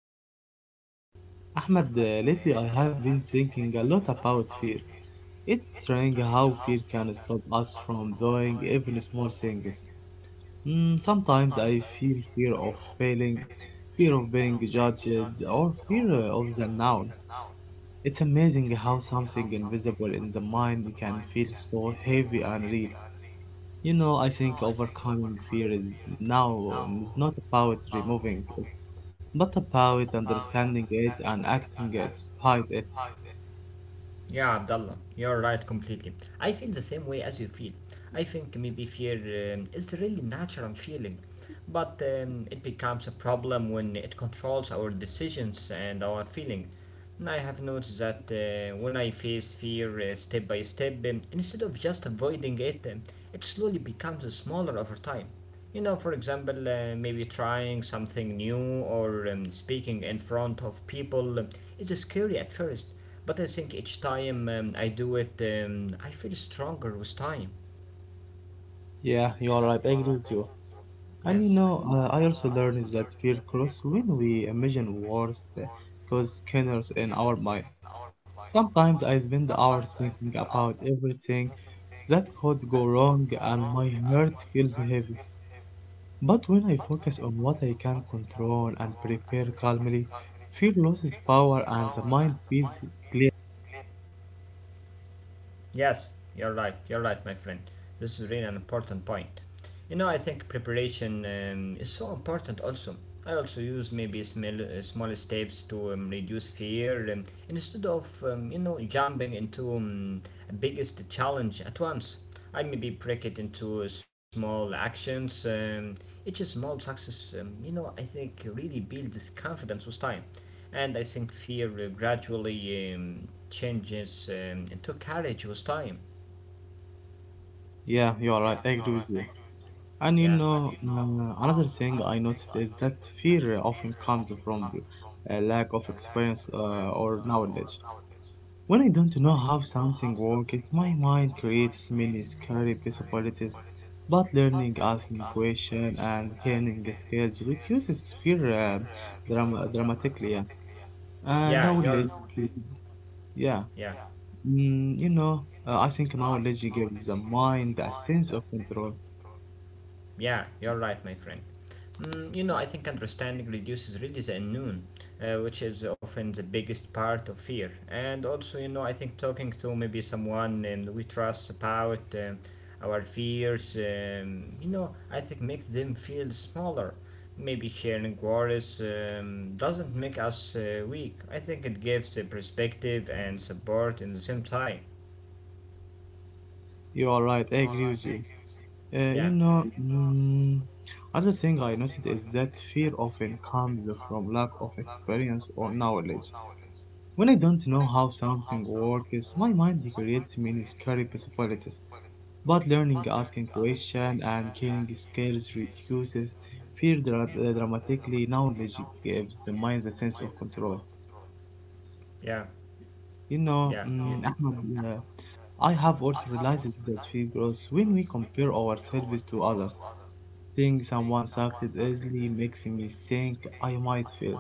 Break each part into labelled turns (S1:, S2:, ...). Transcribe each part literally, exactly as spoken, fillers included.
S1: thank you.
S2: Ahmed, uh, lately I have been thinking a lot about fear. It's strange how fear can stop us from doing even small things. Mm, sometimes I feel fear of failing, fear of being judged, or fear uh, of the unknown. It's amazing how something invisible in the mind can feel so heavy and real. You know, I think overcoming fear is now is not about removing it, but about understanding it and acting it despite it.
S1: Yeah, Abdullah, you're right completely. I feel the same way as you feel. I think maybe fear um, is a really natural feeling, but um, it becomes a problem when it controls our decisions and our feeling. And I have noticed that uh, when I face fear uh, step by step, um, instead of just avoiding it, um, it slowly becomes smaller over time. You know, for example, uh, maybe trying something new or um, speaking in front of people um, is scary at first, but I think each time um, I do it, um, I feel stronger with time.
S2: Yeah, you are right. I agree with you. And you
S1: Yeah.
S2: know, uh, I also learned that fear grows when we imagine worst cause scenarios in our mind. Sometimes I spend hours thinking about everything that could go wrong, and my heart feels heavy. But when I focus on what I can control and prepare calmly, fear loses power and the mind feels.
S1: Yes, you're right, you're right, my friend. This is really an important point. You know, I think preparation um, is so important also. I also use maybe small, uh, small steps to um, reduce fear um, instead of, um, you know, jumping into um, a biggest challenge at once. I maybe break it into uh, small actions. Um, each small success, um, you know, I think really builds confidence with time, and I think fear uh, gradually um, changes um, into courage with time.
S2: Yeah, you are right. I agree with you. And you
S1: Yeah,
S2: know, um, another thing I noticed is that fear often comes from a lack of experience uh, or knowledge. When I don't know how something works, my mind creates many scary possibilities. But learning, asking questions, and gaining skills reduces fear uh, drama- dramatically. Yeah. Uh,
S1: yeah,
S2: knowledge,
S1: you're
S2: yeah,
S1: yeah,
S2: mm, you know, uh, I think knowledge gives the mind a sense of control.
S1: yeah, you're right, my friend. Mm, you know, I think understanding reduces really the unknown, uh, which is often the biggest part of fear. And also, you know, I think talking to maybe someone um, we trust about um, our fears, um, you know, I think makes them feel smaller. Maybe sharing worries um, doesn't make us uh, weak. I think it gives a perspective and support in the same time.
S2: You are right, I agree with you. Uh, you
S1: Yeah,
S2: know, mm, other thing I noticed is that fear often comes from lack of experience or knowledge. When I don't know how something works, my mind creates many scary possibilities. But learning, asking questions, and killing skills reduces fear dra- uh, dramatically. Knowledge gives the mind the sense of control.
S1: yeah,
S2: You know,
S1: yeah.
S2: mm, Ahmad, uh, I have also realized that fear grows when we compare ourselves to others. Seeing someone succeed easily makes me think I might fail,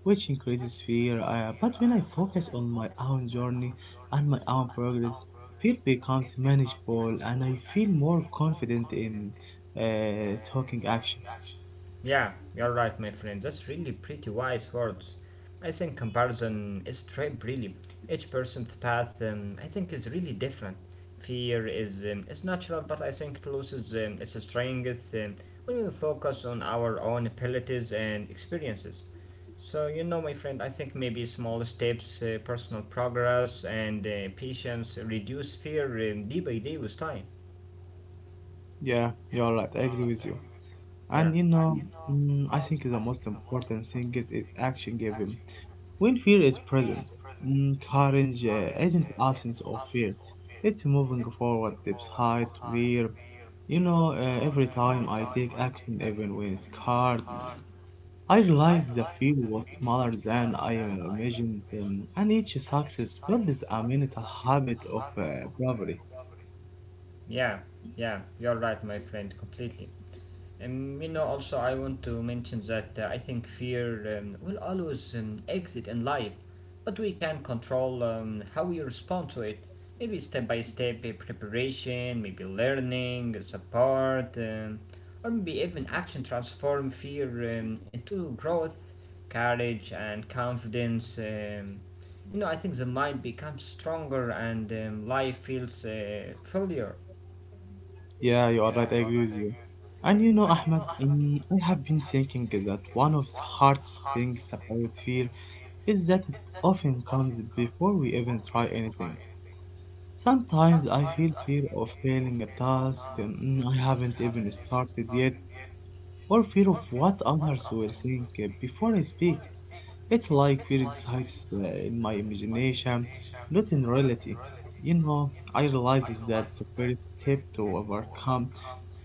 S2: which increases fear. Uh, but when I focus on my own journey and my own progress, fear becomes manageable and I feel more confident in uh, taking action.
S1: Yeah, you're right, my friend. That's really pretty wise words. I think comparison is trap really. Each person's path, um, I think, is really different. Fear is um, is natural, but I think it loses um, its strength um, when we focus on our own abilities and experiences. So you know, my friend, I think maybe small steps, uh, personal progress, and uh, patience reduce fear um, day by day with time.
S2: Yeah, you're right. I agree with you. And you
S1: Yeah,
S2: know, mm, I think the most important thing is, is action given when fear is present. Mm, courage uh, isn't absence of fear. It's moving forward despite fear. You know, uh, every time I take action, even when scared, I realize the fear was smaller than I imagined, um, and each success builds a mental habit of uh, bravery.
S1: yeah, yeah. You're right, my friend, completely. Um, you know, also, I want to mention that uh, I think fear um, will always um, exit in life, but we can control um, how we respond to it. Maybe step by step uh, preparation, maybe learning, support, um, or maybe even action transform fear um, into growth, courage, and confidence. Um, you know, I think the mind becomes stronger and um, life feels uh, fuller.
S2: Yeah, you are right, I agree with you. And you know, Ahmed, um, I have been thinking that one of the hardest things about fear is that it often comes before we even try anything. Sometimes I feel fear of failing a task mm, I haven't even started yet, or fear of what others will think uh, before I speak. It's like fear exists uh, in my imagination, not in reality. You know, I realize is that the first step to overcome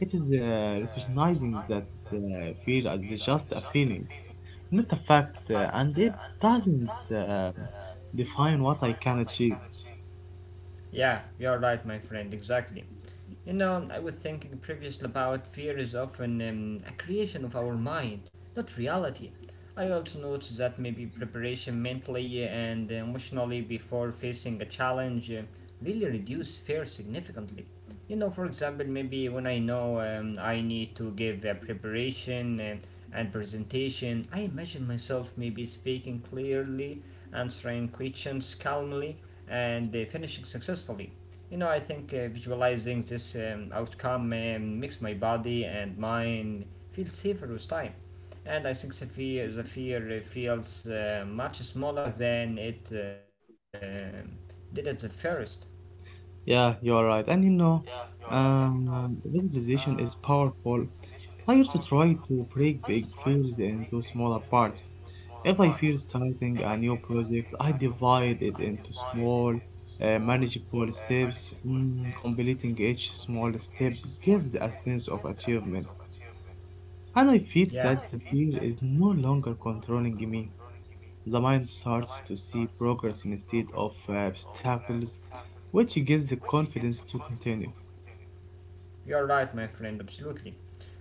S2: it is uh, recognizing that uh, fear is just a feeling, not a fact, uh, and it doesn't uh, define what I can achieve.
S1: Yeah, you're right, my friend, exactly. You know, I was thinking previously about fear is often um, a creation of our mind, not reality. I also noticed that maybe preparation mentally uh, and emotionally before facing a challenge uh, really reduce fear significantly. You know, for example, maybe when I know um, I need to give a preparation and, and presentation, I imagine myself maybe speaking clearly, answering questions calmly, and uh, finishing successfully. You know, I think uh, visualizing this um, outcome um, makes my body and mind feel safer with time. And I think the fear, the fear uh, feels uh, much smaller than it um did at the first.
S2: Yeah, you're right. And you know, um, visualization is powerful. I used to try to break big fears into smaller parts. If I fear starting a new project, I divide it into small, uh, manageable steps. Mm, completing each small step gives a sense of achievement. And I feel
S1: Yeah,
S2: that the fear is no longer controlling me. The mind starts to see progress instead of uh, obstacles, which gives the confidence to continue.
S1: you're right, my friend, absolutely.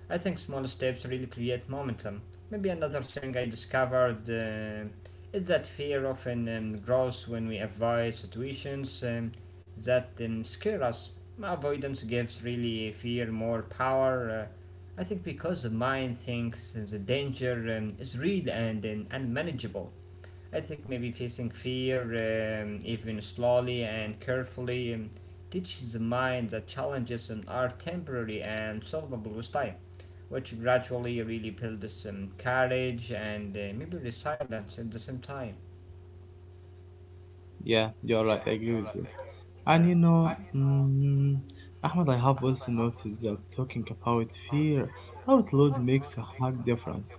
S1: I think small steps really create momentum. Maybe another thing I discovered uh, is that fear often um, grows when we avoid situations um, that um, scare us. Avoidance gives really fear more power. Uh, I think because the mind thinks the danger um, is real and um, unmanageable. I think maybe facing fear, um, even slowly and carefully, um, teaches the mind that challenges um, are temporary and solvable with time, which gradually really builds um, courage and uh, maybe resilience at the same time.
S2: Yeah, you're right, I agree with you.
S1: Yeah.
S2: And you know, mm, Ahmed, I have also noticed that talking about fear out loud makes a hard difference.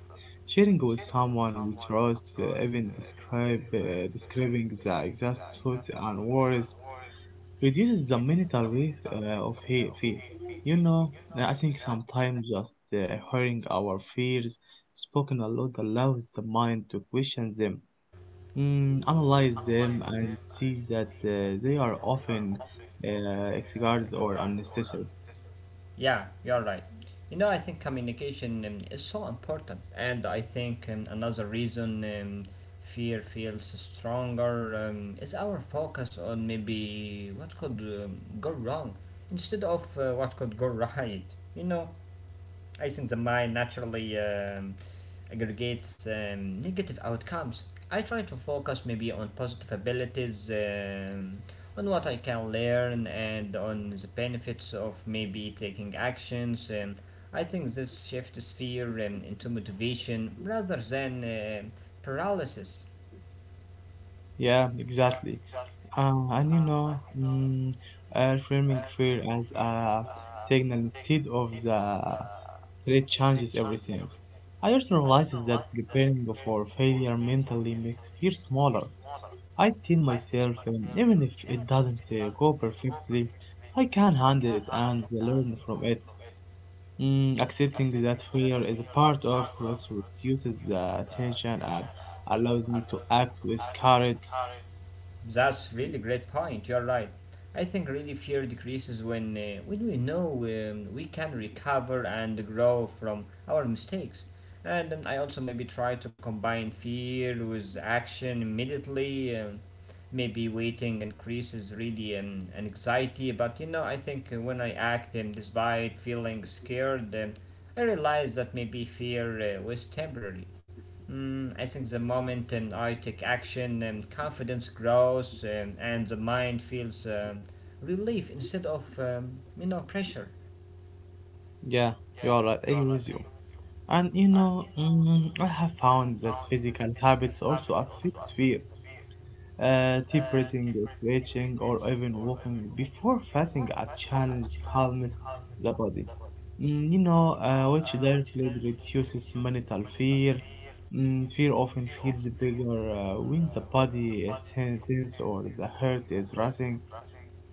S2: Sharing with someone we trust, uh, even describe, uh, describing the exact thoughts and worries reduces the mental weight uh, of hate fear. You know, uh, I think sometimes just uh, hearing our fears spoken aloud allows the mind to question them, mm, analyze them, and see that uh, they are often uh, exaggerated or unnecessary.
S1: Yeah, you're right. You know, I think communication um, is so important, and I think um, another reason um, fear feels stronger um, is our focus on maybe what could um, go wrong instead of uh, what could go right. You know, I think the mind naturally um, aggregates um, negative outcomes. I try to focus maybe on positive abilities, um, on what I can learn, and on the benefits of maybe taking actions. Um, I think this shifts fear um, into motivation rather than um paralysis.
S2: Yeah, exactly. Uh, and you know, mm, uh, framing fear as a signal instead of the today changes everything. I also realize that preparing for failure mentally makes fear smaller. I tell myself, um, even if it doesn't uh, go perfectly, I can handle it and learn from it. Mm, accepting that failure is a part of growth reduces the tension and allows me to act with courage.
S1: That's really great point. You're right. I think really fear decreases when uh, when we know um, we can recover and grow from our mistakes. And um, I also maybe try to combine fear with action immediately. Um, maybe waiting increases really um, an anxiety, but you know I think uh, when I act um, despite feeling scared, um, I realize that maybe fear uh, was temporary. Mm, I think the moment um, I take action, um, confidence grows um, and the mind feels um, relief instead of, um, you know, pressure.
S2: Yeah, you are right. I agree with you. And you know, mm, I have found that physical habits also affect fear. Uh, deep breathing, stretching, or even walking before fasting a challenge calms the body. Mm, you know, uh, which directly reduces mental fear. Mm, fear often feels bigger uh, when the body is tense or the heart is racing.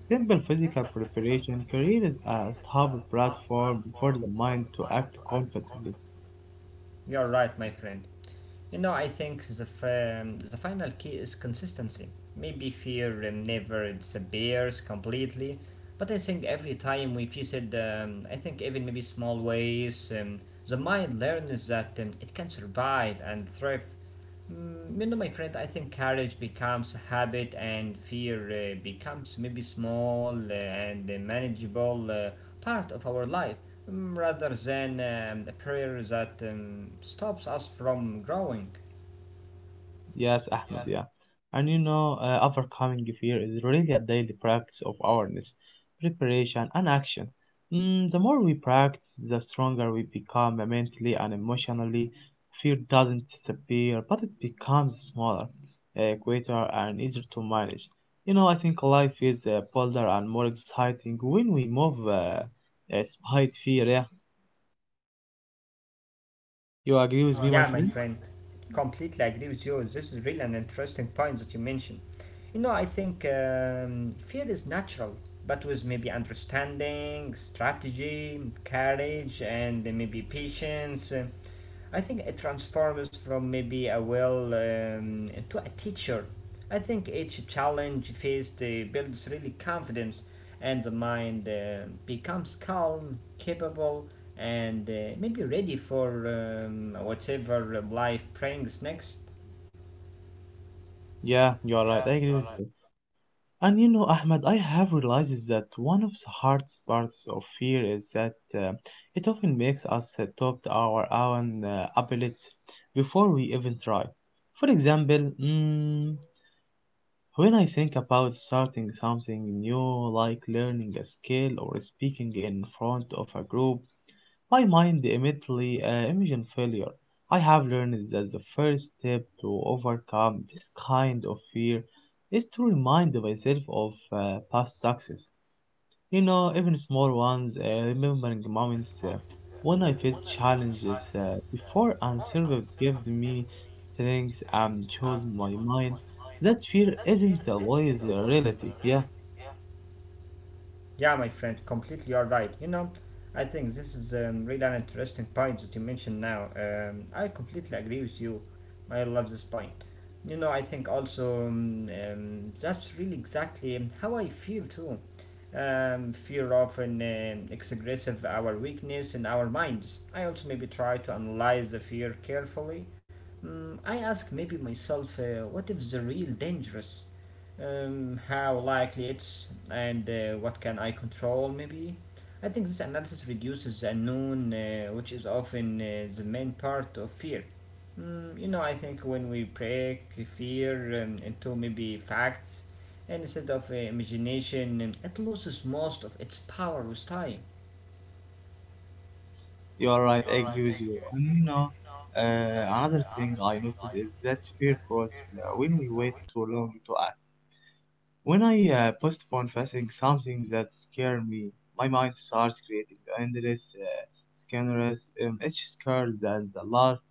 S2: Simple physical preparation creates a stable platform for the mind to act confidently.
S1: You're right, my friend. You know, I think the, f- um, the final key is consistency. Maybe fear um, never disappears completely, but I think every time we face it, um, I think even maybe small ways, um, the mind learns that um, it can survive and thrive. Mm, you know, my friend, I think courage becomes habit and fear uh, becomes maybe small uh, and a manageable uh, part of our life, mm, rather than um, a prayer that um, stops us from growing.
S2: Yes, Ahmed, yeah. And you know, uh, overcoming fear is really a daily practice of awareness, preparation, and action. Mm, the more we practice, the stronger we become mentally and emotionally. Fear doesn't disappear, but it becomes smaller, uh, quieter, and easier to manage. You know, I think life is uh, bolder and more exciting when we move uh, uh, despite fear. Yeah, you agree with me, my
S1: Yeah, my
S2: friend?
S1: friend, completely agree with you. This is really an interesting point that you mentioned. You know, I think um, fear is natural, but with maybe understanding, strategy, courage, and then maybe patience, uh, I think it transforms from maybe a will um, to a teacher. I think each challenge faced uh, builds really confidence, and the mind uh, becomes calm, capable, and uh, maybe ready for um, whatever life brings next.
S2: Yeah, you are right. I agree with you. And you know, Ahmed, I have realized that one of the hardest parts of fear is that uh, it often makes us uh, top our own uh, abilities before we even try. For example, mm, when I think about starting something new, like learning a skill or speaking in front of a group, my mind immediately uh, images failure. I have learned that the first step to overcome this kind of fear is to remind myself of uh, past success. You know, even small ones, uh, remembering moments uh, when I faced challenges uh, before and survived gave me strength and chose my mind. That fear isn't always a reality. Yeah,
S1: Yeah, my friend, completely you're right. You know, I think this is um, really an interesting point that you mentioned now. Um, I completely agree with you. I love this point. You know, I think also um, um, that's really exactly um, how I feel too. Um, fear often um, exaggerates our weakness in our minds. I also maybe try to analyze the fear carefully. Mm, I ask maybe myself, uh, what if the real dangerous? Um, how likely it's, and uh, what can I control maybe. I think this analysis reduces the unknown, uh, which is often uh, the main part of fear. Mm, you know, I think when we break fear um, into maybe facts and instead of uh, imagination, um, it loses most of its power with time.
S2: you are right, I agree with you. And you know, uh, another thing I noticed is that fear grows uh, when we wait too long to act. When I uh, postpone facing something that scared me, my mind starts creating endless uh, scenarios. Um, each scared and the last.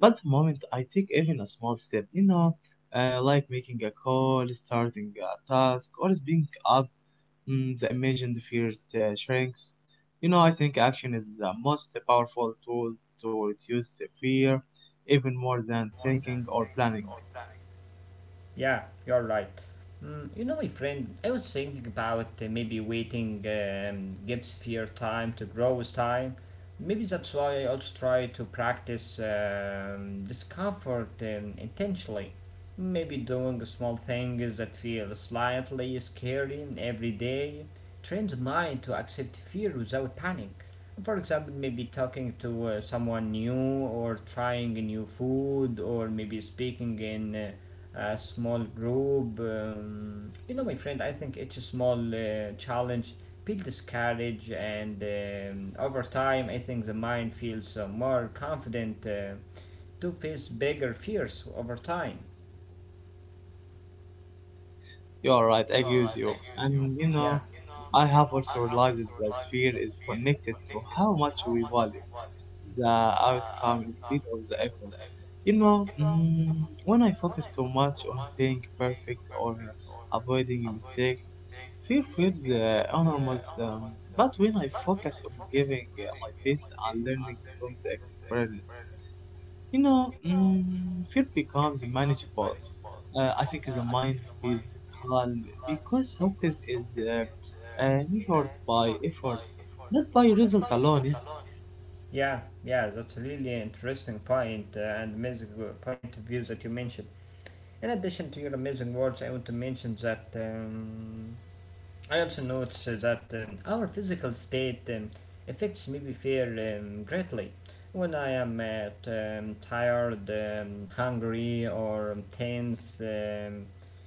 S2: But the moment I take even a small step, you know, uh, like making a call, starting a task, or speaking up, mm, the imagined fear uh, shrinks. You know, I think action is the most powerful tool to reduce the fear, even more than thinking or planning.
S1: Yeah, you're right. Mm, you know, my friend, I was thinking about uh, maybe waiting um, gives fear time to grow with time. Maybe that's why I also try to practice um, discomfort um, intentionally. Maybe doing small things that feel slightly scary every day trains the mind to accept fear without panic. For example, maybe talking to uh, someone new, or trying a new food, or maybe speaking in uh, a small group. Um, you know, my friend, I think each small uh, challenge builds courage, and um, over time, I think the mind feels uh, more confident uh, to face bigger fears over time.
S2: You are right, I agree with you. And you
S1: Yeah,
S2: know, I have also realized that fear is connected to how much we value the outcome instead of the effort. You know, mm, when I focus too much on being perfect or avoiding mistakes, fear feels uh, enormous. Um, but when I focus on giving uh, my best and learning from the experience, you know, mm, fear becomes manageable. Uh, I think the mind feels calm because success is uh, uh, measured by effort, not by result alone. Yeah.
S1: yeah, yeah. That's a really interesting point uh, and amazing uh, point of view that you mentioned. In addition to your amazing words, I want to mention that. Um, I also notice uh, that um, our physical state um, affects my behavior um, greatly. When I am uh, t- um, tired, um, hungry, or tense, um,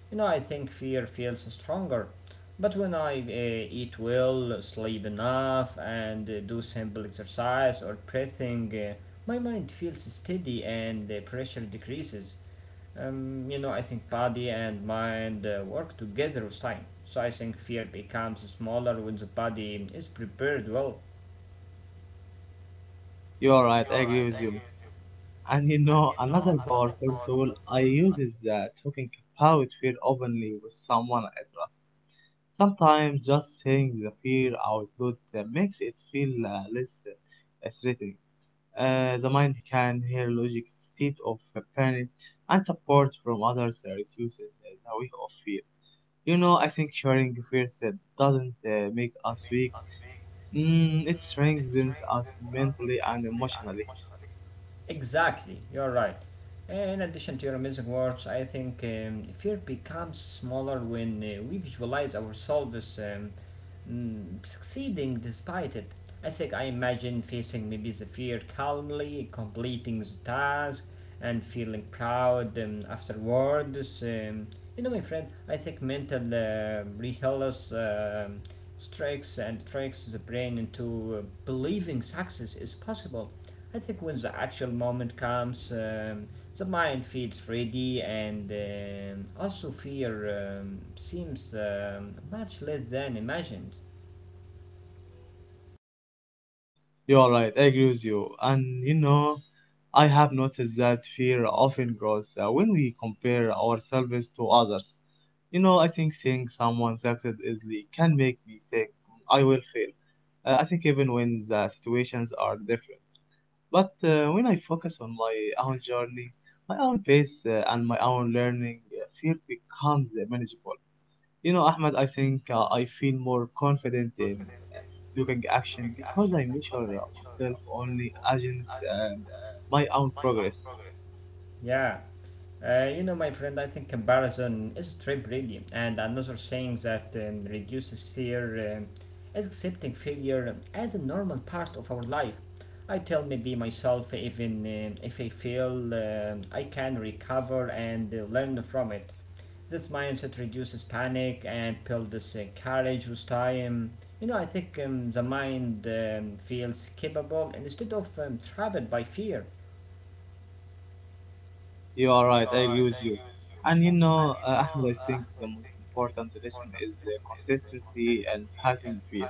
S1: you know, I think fear feels stronger. But when I uh, eat well, sleep enough, and uh, do simple exercise or breathing, uh, my mind feels steady and the pressure decreases, um, you know, I think body and mind uh, work together with time. So I think fear becomes smaller when the body is prepared well.
S2: You are right. I agree with you. And you know, another powerful tool I use is uh, talking about fear openly with someone I trust. Sometimes just saying the fear out loud uh, makes it feel uh, less uh, threatening. Uh, the mind can hear logic instead of uh, panic, and support from others uh, reduces uh, the weight of fear. You know, I think sharing fears uh, doesn't uh, make us weak. Mm, it strengthens us mentally and emotionally.
S1: Exactly, you're right. In addition to your amazing words, I think um, fear becomes smaller when uh, we visualize ourselves um, mm, succeeding despite it. I think I imagine facing maybe the fear calmly, completing the task, and feeling proud um, afterwards. Um, you know, my friend, I think mental uh, rehearsals um, strikes and tricks the brain into uh, believing success is possible. I think when the actual moment comes, um, the mind feels ready, and um, also fear um, seems um, much less than imagined.
S2: You are right, I agree with you. And you know, I have noticed that fear often grows uh, when we compare ourselves to others. You know, I think seeing someone succeed easily can make me think I will fail. Uh, I think even when the situations are different. But uh, when I focus on my own journey, my own pace, uh, and my own learning, uh, fear becomes manageable. You know, Ahmed, I think uh, I feel more confident in doing action because I measure uh, myself only against um, my own progress.
S1: Yeah. Uh, you know, my friend, I think comparison is a trip, really. And another thing that um, reduces fear um, is accepting failure as a normal part of our life. I tell maybe myself, even um if I fail, um I can recover and uh, learn from it. This mindset reduces panic and builds uh, courage with time. You know, I think um, the mind um, feels capable instead of um, trapped by fear.
S2: You are right, I agree with you. And you know, uh, Ahmed, I think the most important lesson is uh, consistency and passing fear.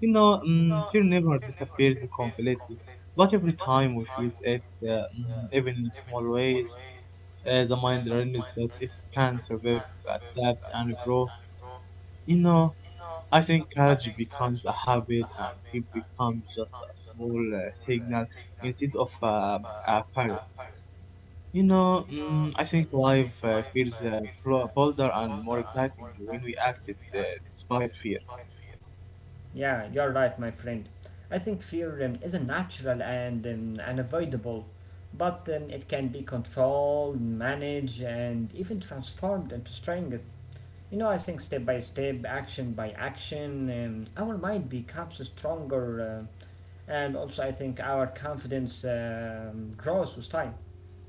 S2: You know, um, fear never disappears completely, but every time we face it, uh, mm, even in small ways, uh, the mind learns that it can survive, adapt, and grow. You know, I think courage becomes a habit and it becomes just a small uh, signal instead of uh, a parrot. You know, mm, I think life uh, feels uh, bro- bolder and more exciting when we acted uh, despite fear.
S1: Yeah, you're right, my friend. I think fear um, is a natural and um, unavoidable, but um, it can be controlled, managed, and even transformed into strength. You know, I think step by step, action by action, um, our mind becomes stronger, uh, and also I think our confidence um, grows with time.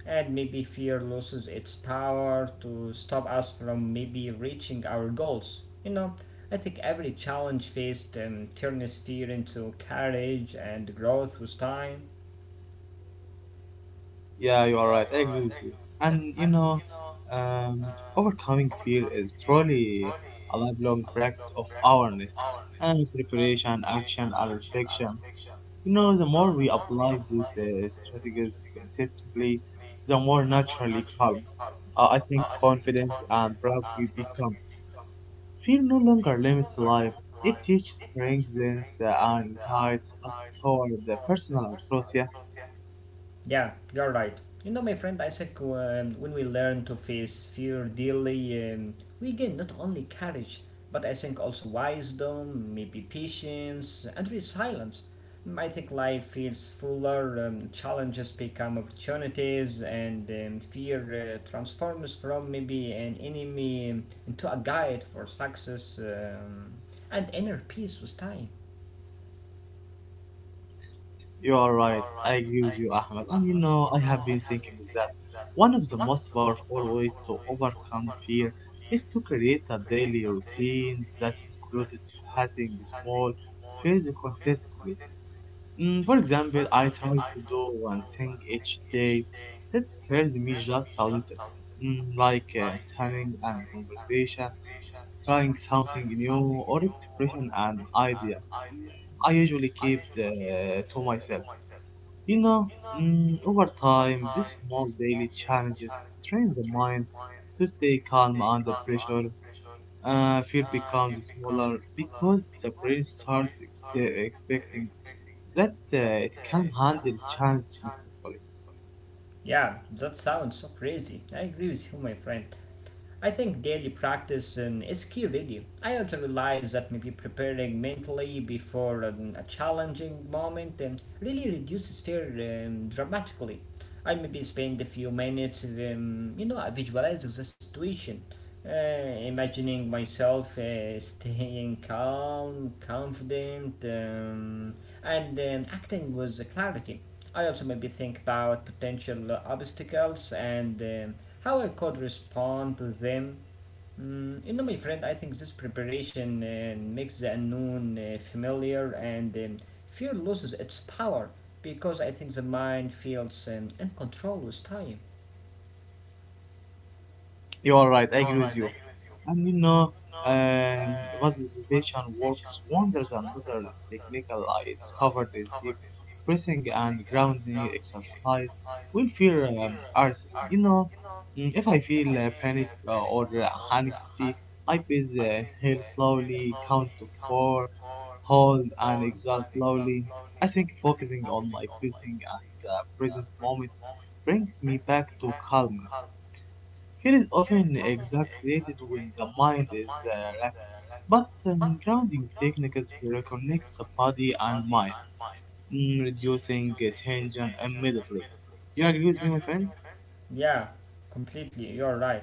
S1: And maybe fear loses its power to stop us from maybe reaching our goals. You know, I think every challenge faced um, turns fear into courage and growth with time.
S2: Yeah, you are right. I agree with you. And you know, um, overcoming fear is truly a lifelong practice of awareness and preparation, action, and reflection. You know, the more we apply these uh, strategies consistently, the more naturally calm, uh, I think, confident and proud we become. Fear no longer limits life. It teaches, strengthens, uh, and guides us toward the personal and growth. Yeah,
S1: Yeah, you're right. You know, my friend Isaac, um, when we learn to face fear daily, um, we gain not only courage, but I think also wisdom, maybe patience, and resilience. Mm, I think life feels fuller, um, challenges become opportunities, and um, fear uh, transforms from maybe an enemy um, into a guide for success um, and inner peace with time.
S2: you are right. I agree with you, Ahmed. And you know, I have been thinking that one of the most powerful ways to overcome fear is to create a daily routine that includes facing small fears consistently. Mm, for example, I try to do one thing each day that scares me just a little, mm, like uh, turning and conversation, trying something new, or expression an idea. I usually keep the, to myself. You know, mm, over time, these small daily challenges train the mind to stay calm under pressure. Uh, fear becomes smaller because the brain starts ex- uh, expecting that uh, it can handle chance successfully.
S1: Yeah, that sounds so crazy. I agree with you, my friend. I think daily practice um, is key really. I also realize that maybe preparing mentally before um, a challenging moment um, really reduces fear um, dramatically. I maybe spend a few minutes, um, you know, visualizing the situation, uh, imagining myself uh, staying calm, confident, um, and um, acting with clarity. I also maybe think about potential obstacles and um, how I could respond to them. Mm, you know, my friend, I think this preparation uh, makes the unknown uh, familiar and um, fear loses its power because I think the mind feels um, in control with time.
S2: You are right. I agree with you. And you know, um, visualization works wonders. Another technical I discovered is deep breathing and grounding exercise when fear um, arises. You know, mm, if I feel uh, panic uh, or uh, anxiety, I breathe, uh, inhale slowly, count to four, hold, and exhale slowly. I think focusing on my breathing and uh, present moment brings me back to calm. Fear is often exaggerated when the mind is uh, racked, but um, grounding techniques reconnect the body and mind, mm, reducing uh, tension immediately. You agree with me, my friend?
S1: Yeah, completely. You're right.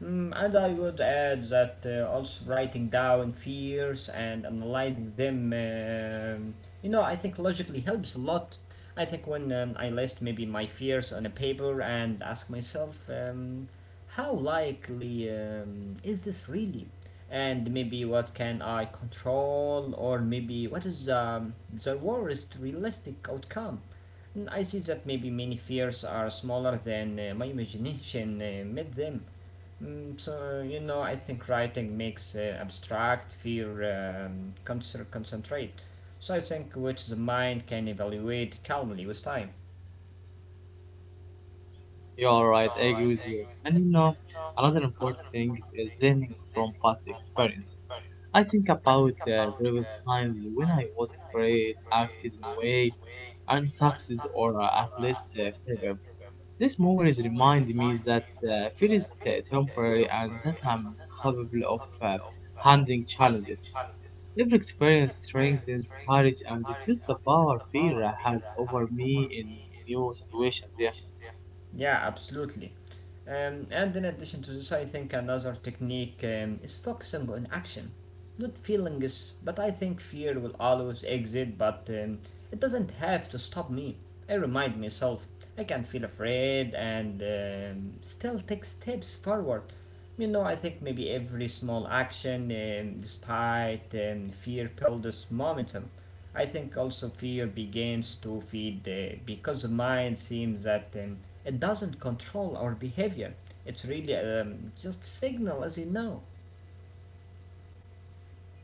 S1: Mm, and I would add that uh, also writing down fears and analyzing them, um, you know, I think logically helps a lot. I think when um, I list maybe my fears on a paper and ask myself, um, how likely um, is this really? And maybe what can I control, or maybe what is um, the worst realistic outcome? Mm, I see that maybe many fears are smaller than uh, my imagination uh, made them. Mm, so, you know, I think writing makes uh, abstract fear um, concert concentrate. So I think which the mind can evaluate calmly with time.
S2: You're all right, I agree with you. And you know, another important thing is learning from past experience. I think about uh, previous times when I was afraid, acted in a way, and succeeded or uh, at least uh, survived. These movies reminded me that uh, fear is uh, temporary and that I'm capable of uh, handling challenges. Every experience strengthens courage and reduces the power fear has over me in new situations. Yeah,
S1: Yeah, absolutely. Um, and in addition to this, I think another technique um, is focusing on action, not feelings. But I think fear will always exist, but um, it doesn't have to stop me. I remind myself I can feel afraid and um, still take steps forward. You know, I think maybe every small action, um, despite um, fear, builds momentum. I think also fear begins to feed uh, because the mind seems that um, it doesn't control our behavior. It's really um, just a signal, as you know.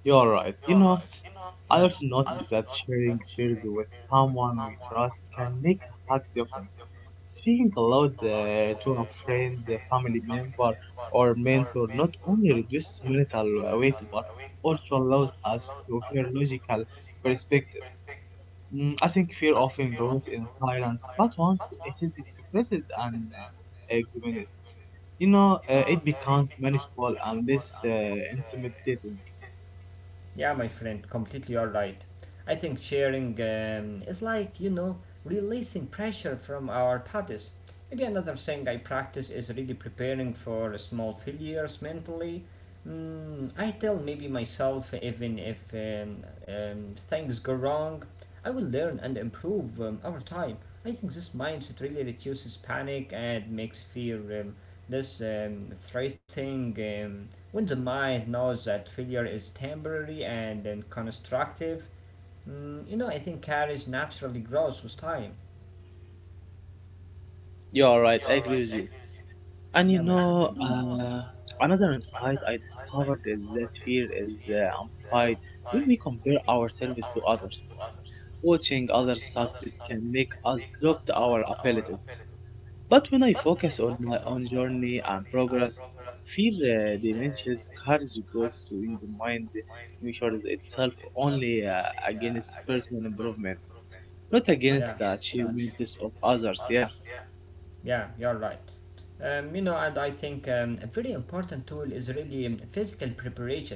S2: you're right. You know,
S1: Yeah.
S2: I also noticed that sharing fears with someone we trust can make a hard difference. Speaking aloud uh, to a friend, a family member, or mentor not only reduces mental uh, weight but also allows us to hear logical perspectives. Mm, I think fear often grows in silence, but once it is expressed and uh, examined, you know, uh, it becomes manageable and less uh, intimidating.
S1: Yeah, my friend, completely you're right. I think sharing um, is like, you know, releasing pressure from our bodies. Maybe another thing I practice is really preparing for small failures mentally. Mm, I tell maybe myself, even if um, um, things go wrong, I will learn and improve um, over time. I think this mindset really reduces panic and makes fear um, less um, threatening. Um, when the mind knows that failure is temporary and then constructive, mm, you know, I think courage naturally grows with time.
S2: You are right. I agree with you. And
S1: Yeah,
S2: you
S1: my,
S2: know, uh, another insight I discovered is that fear is uh, amplified when we compare ourselves to others. Watching others success can make us doubt our abilities. But when I focus on my own journey and progress, fear uh, diminishes, courage grows when the mind measures itself only uh, against personal improvement, not against
S1: yeah.
S2: the achievements of others. Yeah.
S1: Yeah, you're right. Um, you know, and I think um, a very important tool is really um, physical preparation.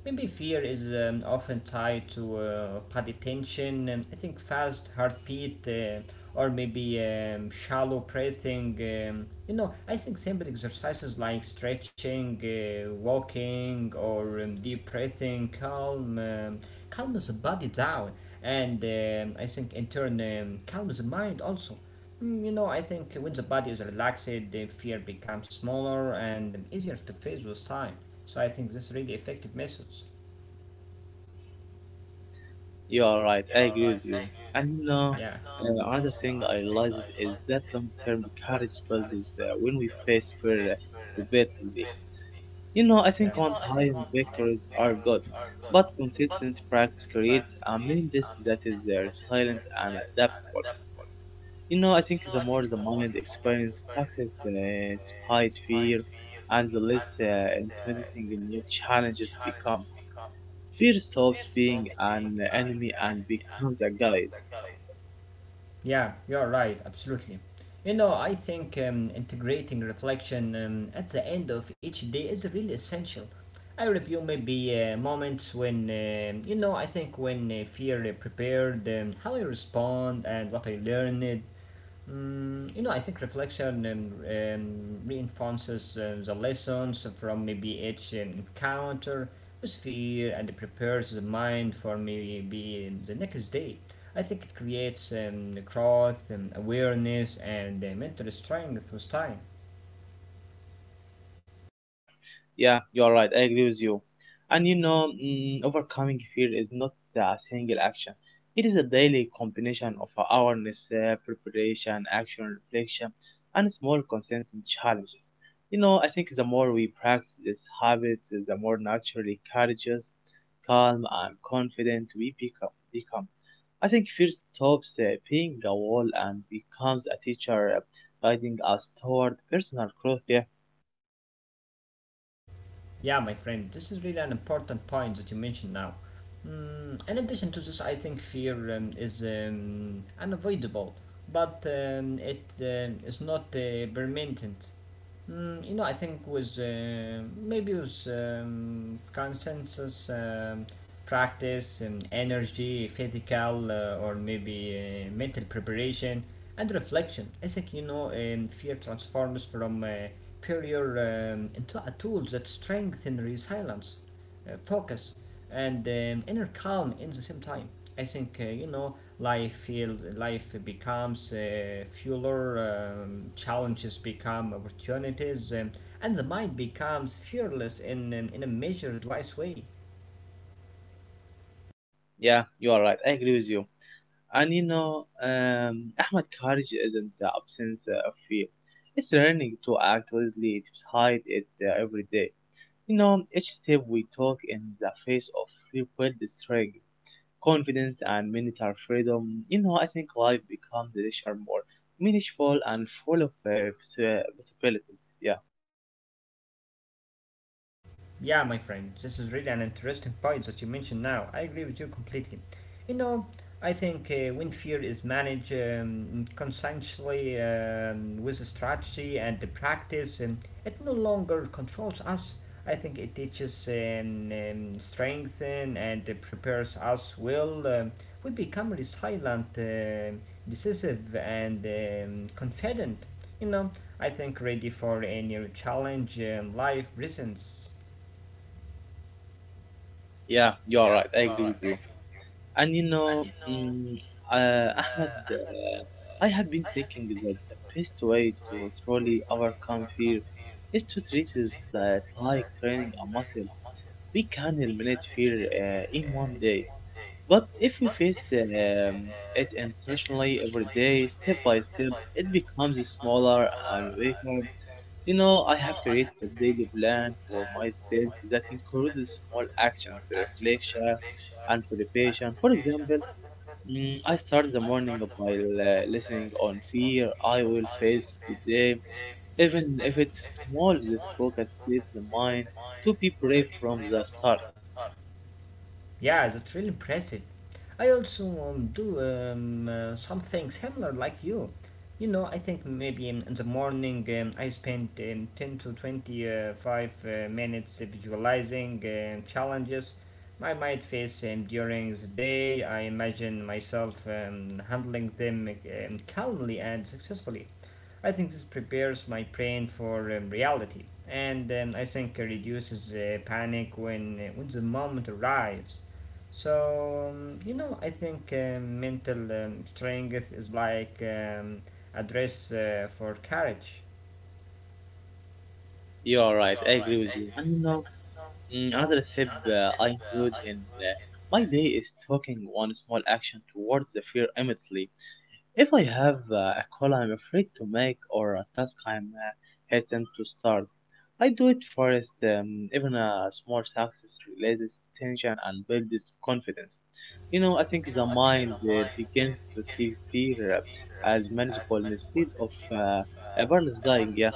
S1: Maybe fear is um, often tied to uh, body tension, and I think fast heartbeat, uh, or maybe um, shallow breathing. Um, you know, I think simple exercises like stretching, uh, walking, or um, deep breathing calm um, calms the body down, and um, I think in turn um, calms the mind also. Mm, you know, I think when the body is relaxed, the fear becomes smaller and easier to face with time. So I think this really effective methods.
S2: You are right. I agree with you. And you
S1: Yeah,
S2: know, uh, another thing I realized is that long-term courage builds uh, when we face fear uh, repeatedly. You know, I
S1: yeah,
S2: think one-time victories are good, but consistent practice creates a mindset that is uh, silent and adaptable. You know, I think the more the mind experiences success uh, despite fear, and the less uh, intimidating new challenges become. Fear stops being an enemy and becomes a guide.
S1: yeah. You're right, absolutely. You know, I think um, integrating reflection um, at the end of each day is really essential. I review maybe uh, moments when um you know I think when uh, fear uh, prepared, um, how I respond and what I learned. Mm, you know, I think reflection um, um, reinforces um, the lessons from maybe each um, encounter with fear and prepares the mind for maybe um, the next day. I think it creates um, growth, um, awareness, and um, mental strength with time.
S2: Yeah, you are right. I agree with you. And you know, mm, overcoming fear is not a single action. It is a daily combination of awareness, uh, preparation, action, reflection, and small consistent challenges. You know, I think the more we practice this habit, the more naturally courageous, calm, and confident we become. become. I think fear stops uh, being a wall and becomes a teacher uh, guiding us toward personal growth. Yeah,
S1: Yeah, my friend, this is really an important point that you mentioned now. Mm, in addition to this, I think fear um, is um, unavoidable, but um, it um, is not uh, permanent. Mm, you know, I think with uh, maybe with um, consensus, um, practice, um, energy, physical, uh, or maybe uh, mental preparation and reflection. I think you know, um, fear transforms from a barrier um, into a tool that strengthens resilience uh, focus, and um, inner calm in the same time. I think uh, you know life feels life becomes uh, fuller, um, challenges become opportunities, um, and the mind becomes fearless in um, in a measured, wise way.
S2: yeah, you are right. I agree with you. And you know, um, Ahmad, courage isn't the absence uh, of fear. It's learning to act wisely despite it uh, every day. You know, each step we took in the face of fear built strength, confidence, and mental freedom. You know, I think life becomes richer, more meaningful, and full of uh, possibilities. Yeah,
S1: Yeah, my friend, this is really an interesting point that you mentioned now. I agree with you completely. You know, I think uh, when fear is managed um, conscientiously um, with a strategy and the practice, um, it no longer controls us. I think it teaches um, um, strength and, and uh, prepares us well. Um, we become resilient, um decisive, and um, confident. You know, I think ready for any challenge um, life presents.
S2: yeah, you are right. I agree with you. And you know, mm, uh, Ahmed, uh, I have been thinking that the best way to truly overcome fear is to treat it uh, like training a muscle. We can eliminate fear uh, in one day, but if we face um, it intentionally every day, step by step, it becomes smaller and weaker. You know, I have created a daily plan for myself that includes small actions, reflection, and preparation. For example, mm, I start the morning by uh, listening on fear I will face today. Even if it's small, this focus sets the mind to be brave from the start.
S1: Yeah, that's really impressive. I also um, do um, uh, something similar like you. You know, I think maybe in, in the morning um, I spend um, ten to twenty-five uh, minutes visualizing um, challenges I might face um, during the day. I imagine myself um, handling them um, calmly and successfully. I think this prepares my brain for um, reality, and um, I think it reduces uh, panic when uh, when the moment arrives. So, um, you know, I think um, mental um, strength is like um, a dress uh, for courage.
S2: You are right, I agree with you. And you know, mm, another step uh, I include in uh, my day is talking one small action towards the fear immediately. If I have uh, a call I'm afraid to make or a task I'm uh, hesitant to start, I do it first. Um, even a small success releases tension and builds confidence. You know, I think the mind uh, begins to see fear uh, as manageable instead of uh, a paralyzing. Yeah,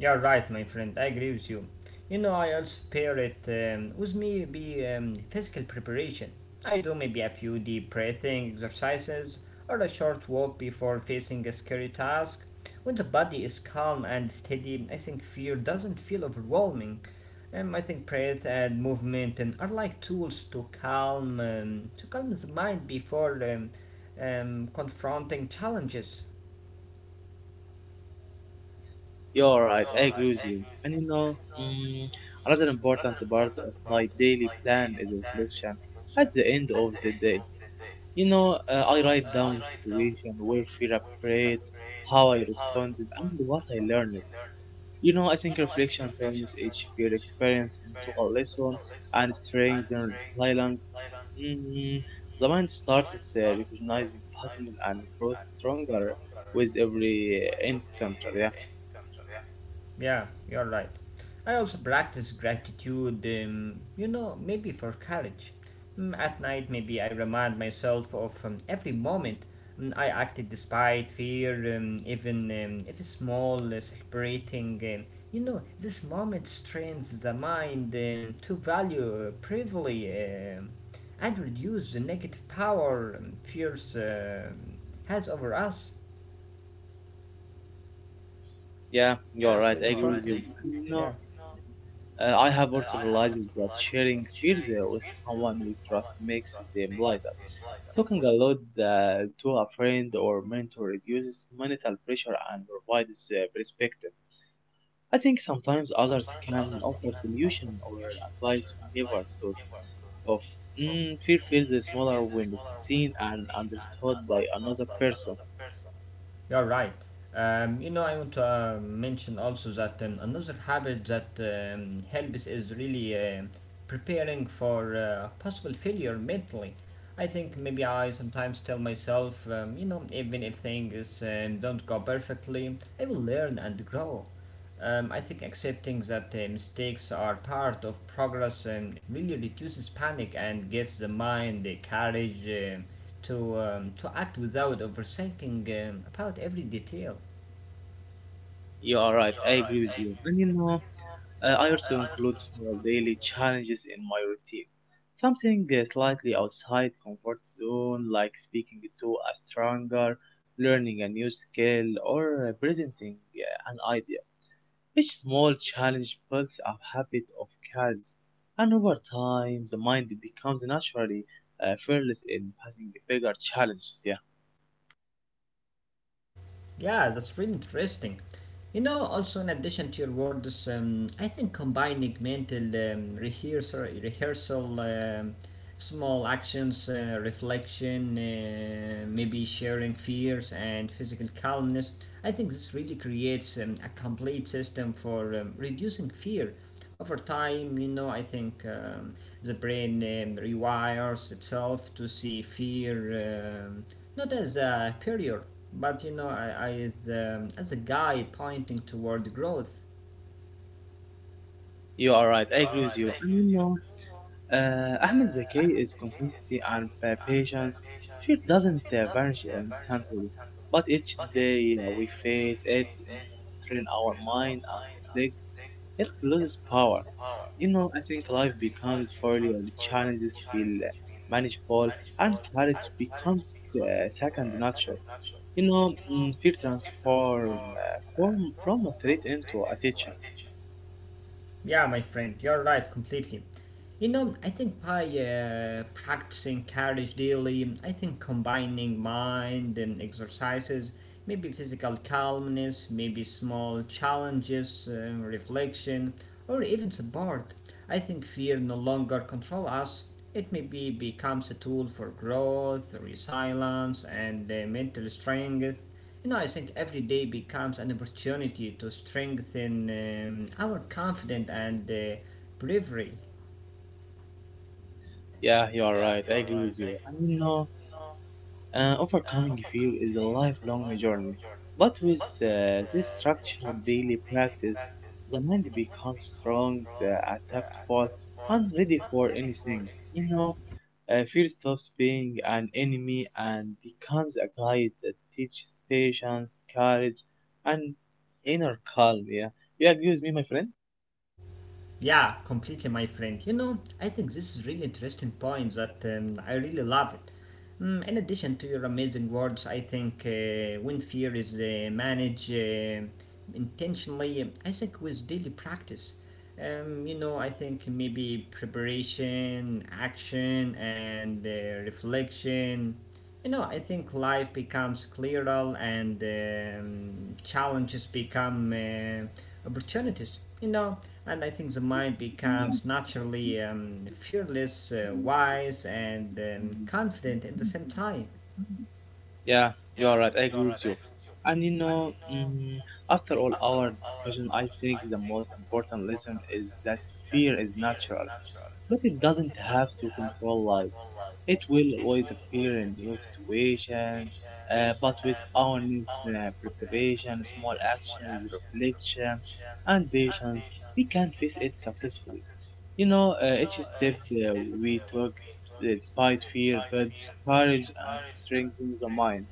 S1: You're right, my friend. I agree with you. You know, I also pair it um, with maybe um, physical preparation. I do maybe a few deep breathing exercises or a short walk before facing a scary task. When the body is calm and steady, I think fear doesn't feel overwhelming. Um, I think breath and movement um, are like tools to calm um, to calm the mind before um, um, confronting challenges.
S2: you're right. I agree with you. And you know, mm, another important part of my daily plan is reflection at the end of the day. You know, uh, I write down the situation, where fear appeared, how I responded, and what I learned. You know, I think reflection turns each fear experience into a lesson and strengthens resilience. Mm, the mind starts uh, recognizing patterns and grows stronger with every uh, encounter. Yeah,
S1: Yeah, you're right. I also practice gratitude, um, you know, maybe for courage. Mm, at night, maybe I remind myself of um, every moment mm, I acted despite fear, um, even um, if it's small, uh, celebrating. Um, you know, this moment strains the mind um, to value uh, privily um, and reduce the negative power um, fears um has over us.
S2: yeah, you're right.
S1: You
S2: I agree
S1: know?
S2: with you. You know,
S1: Yeah.
S2: uh, I have also realized that sharing fears uh, with someone we trust makes them lighter. Talking aloud uh, to a friend or mentor reduces mental pressure and provides uh, perspective. I think sometimes others can offer solution or advice we never thought of. Mm, fear feels smaller when it's seen and understood by another person.
S1: You're right. Um, you know, I want to uh, mention also that um, another habit that um, helps is really um preparing for uh, possible failure mentally. I think maybe I sometimes tell myself, um, you know, even if things um, don't go perfectly, I will learn and grow. Um, I think accepting that uh, mistakes are part of progress um, really reduces panic and gives the mind the courage um to um, to act without overthinking um, about every detail.
S2: You are right, I agree with you. And you know, Uh, I also include small daily challenges in my routine. Something uh, slightly outside comfort zone, like speaking to a stranger, learning a new skill, or uh, presenting uh, an idea. Each small challenge builds a habit of courage, and over time, the mind becomes naturally uh, fearless in passing bigger challenges. Yeah,
S1: Yeah, that's really interesting. You know, also in addition to your words, um, I think combining mental um, rehearsal, rehearsal um, small actions, uh, reflection, uh, maybe sharing fears and physical calmness, I think this really creates um, a complete system for um, reducing fear over time. You know I think um, The brain um, rewires itself to see fear um, not as a period, but you know I, I, um, as a guide pointing toward growth.
S2: you are right. I agree with you. And you know, Uh, Ahmed Zaki is consistency and uh, patience. Fear doesn't uh, vanish instantly, but each day uh, we face it, mm, train our mind and reflect, it loses power. You know, I think life becomes fairly and challenges feel uh, manageable and courage becomes uh, second nature. You know, mm, fear transform uh, form from a threat into a teacher.
S1: Yeah, my friend, you're right completely. You know, I think by uh, practicing carriage daily, I think combining mind and exercises, maybe physical calmness, maybe small challenges, uh, reflection, or even support, I think fear no longer control us. It maybe becomes a tool for growth, resilience, and uh, mental strength. You know, I think every day becomes an opportunity to strengthen um, our confidence and uh, bravery.
S2: Yeah, you are right. I agree with you. And you know, Uh, overcoming fear is a lifelong journey, but with uh, this structured daily practice, the mind becomes strong, uh, adaptable, and ready for anything. You know, uh, fear stops being an enemy and becomes a guide that teaches patience, courage, and inner calm. Yeah, you agree with me, my friend?
S1: Yeah, completely, my friend. You know, I think this is really interesting point that um, I really love it. Mm, in addition to your amazing words, I think uh, when fear is uh, managed uh, intentionally, I think with daily practice, um, you know, I think maybe preparation, action, and uh, reflection. You know, I think life becomes clearer and um, challenges become uh, opportunities, you know, and I think the mind
S2: Yeah.
S1: becomes naturally um, fearless, uh, wise, and um, confident at the same time.
S2: Yeah, you are right. I agree with you. And you know, mm, after all our discussion, I think the most important lesson is that fear is natural, but it doesn't have to control life. It will always appear in new situations, uh, but with awareness, uh, preparation, small actions, reflection, and patience, we can face it successfully. You know, uh, each step uh, we took, uh, despite fear, builds courage and strengthens the mind.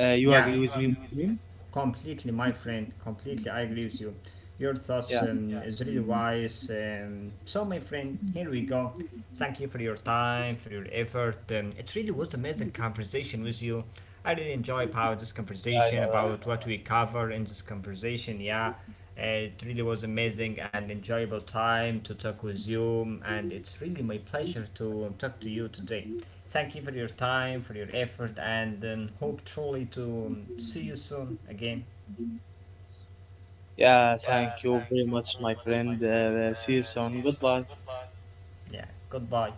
S2: Uh, you
S1: Yeah.
S2: agree with me? Muslim?
S1: Completely, my friend. Completely, I agree with you. Your thoughts
S2: Yeah,
S1: um, is really wise. Um, so, my friend, here we go. Thank you for your time, for your effort. Um, it really was amazing conversation with you. I really enjoy about this
S2: yeah,
S1: conversation,
S2: alright.
S1: about what we cover in this conversation. Yeah. Uh, it really was amazing and enjoyable time to talk with you, and it's really my pleasure to talk to you today. Thank you for your time, for your effort, and um, hope truly to um, see you soon again.
S2: Yeah, thank you very much, my friend. Uh, see you soon. Goodbye.
S1: Yeah, goodbye.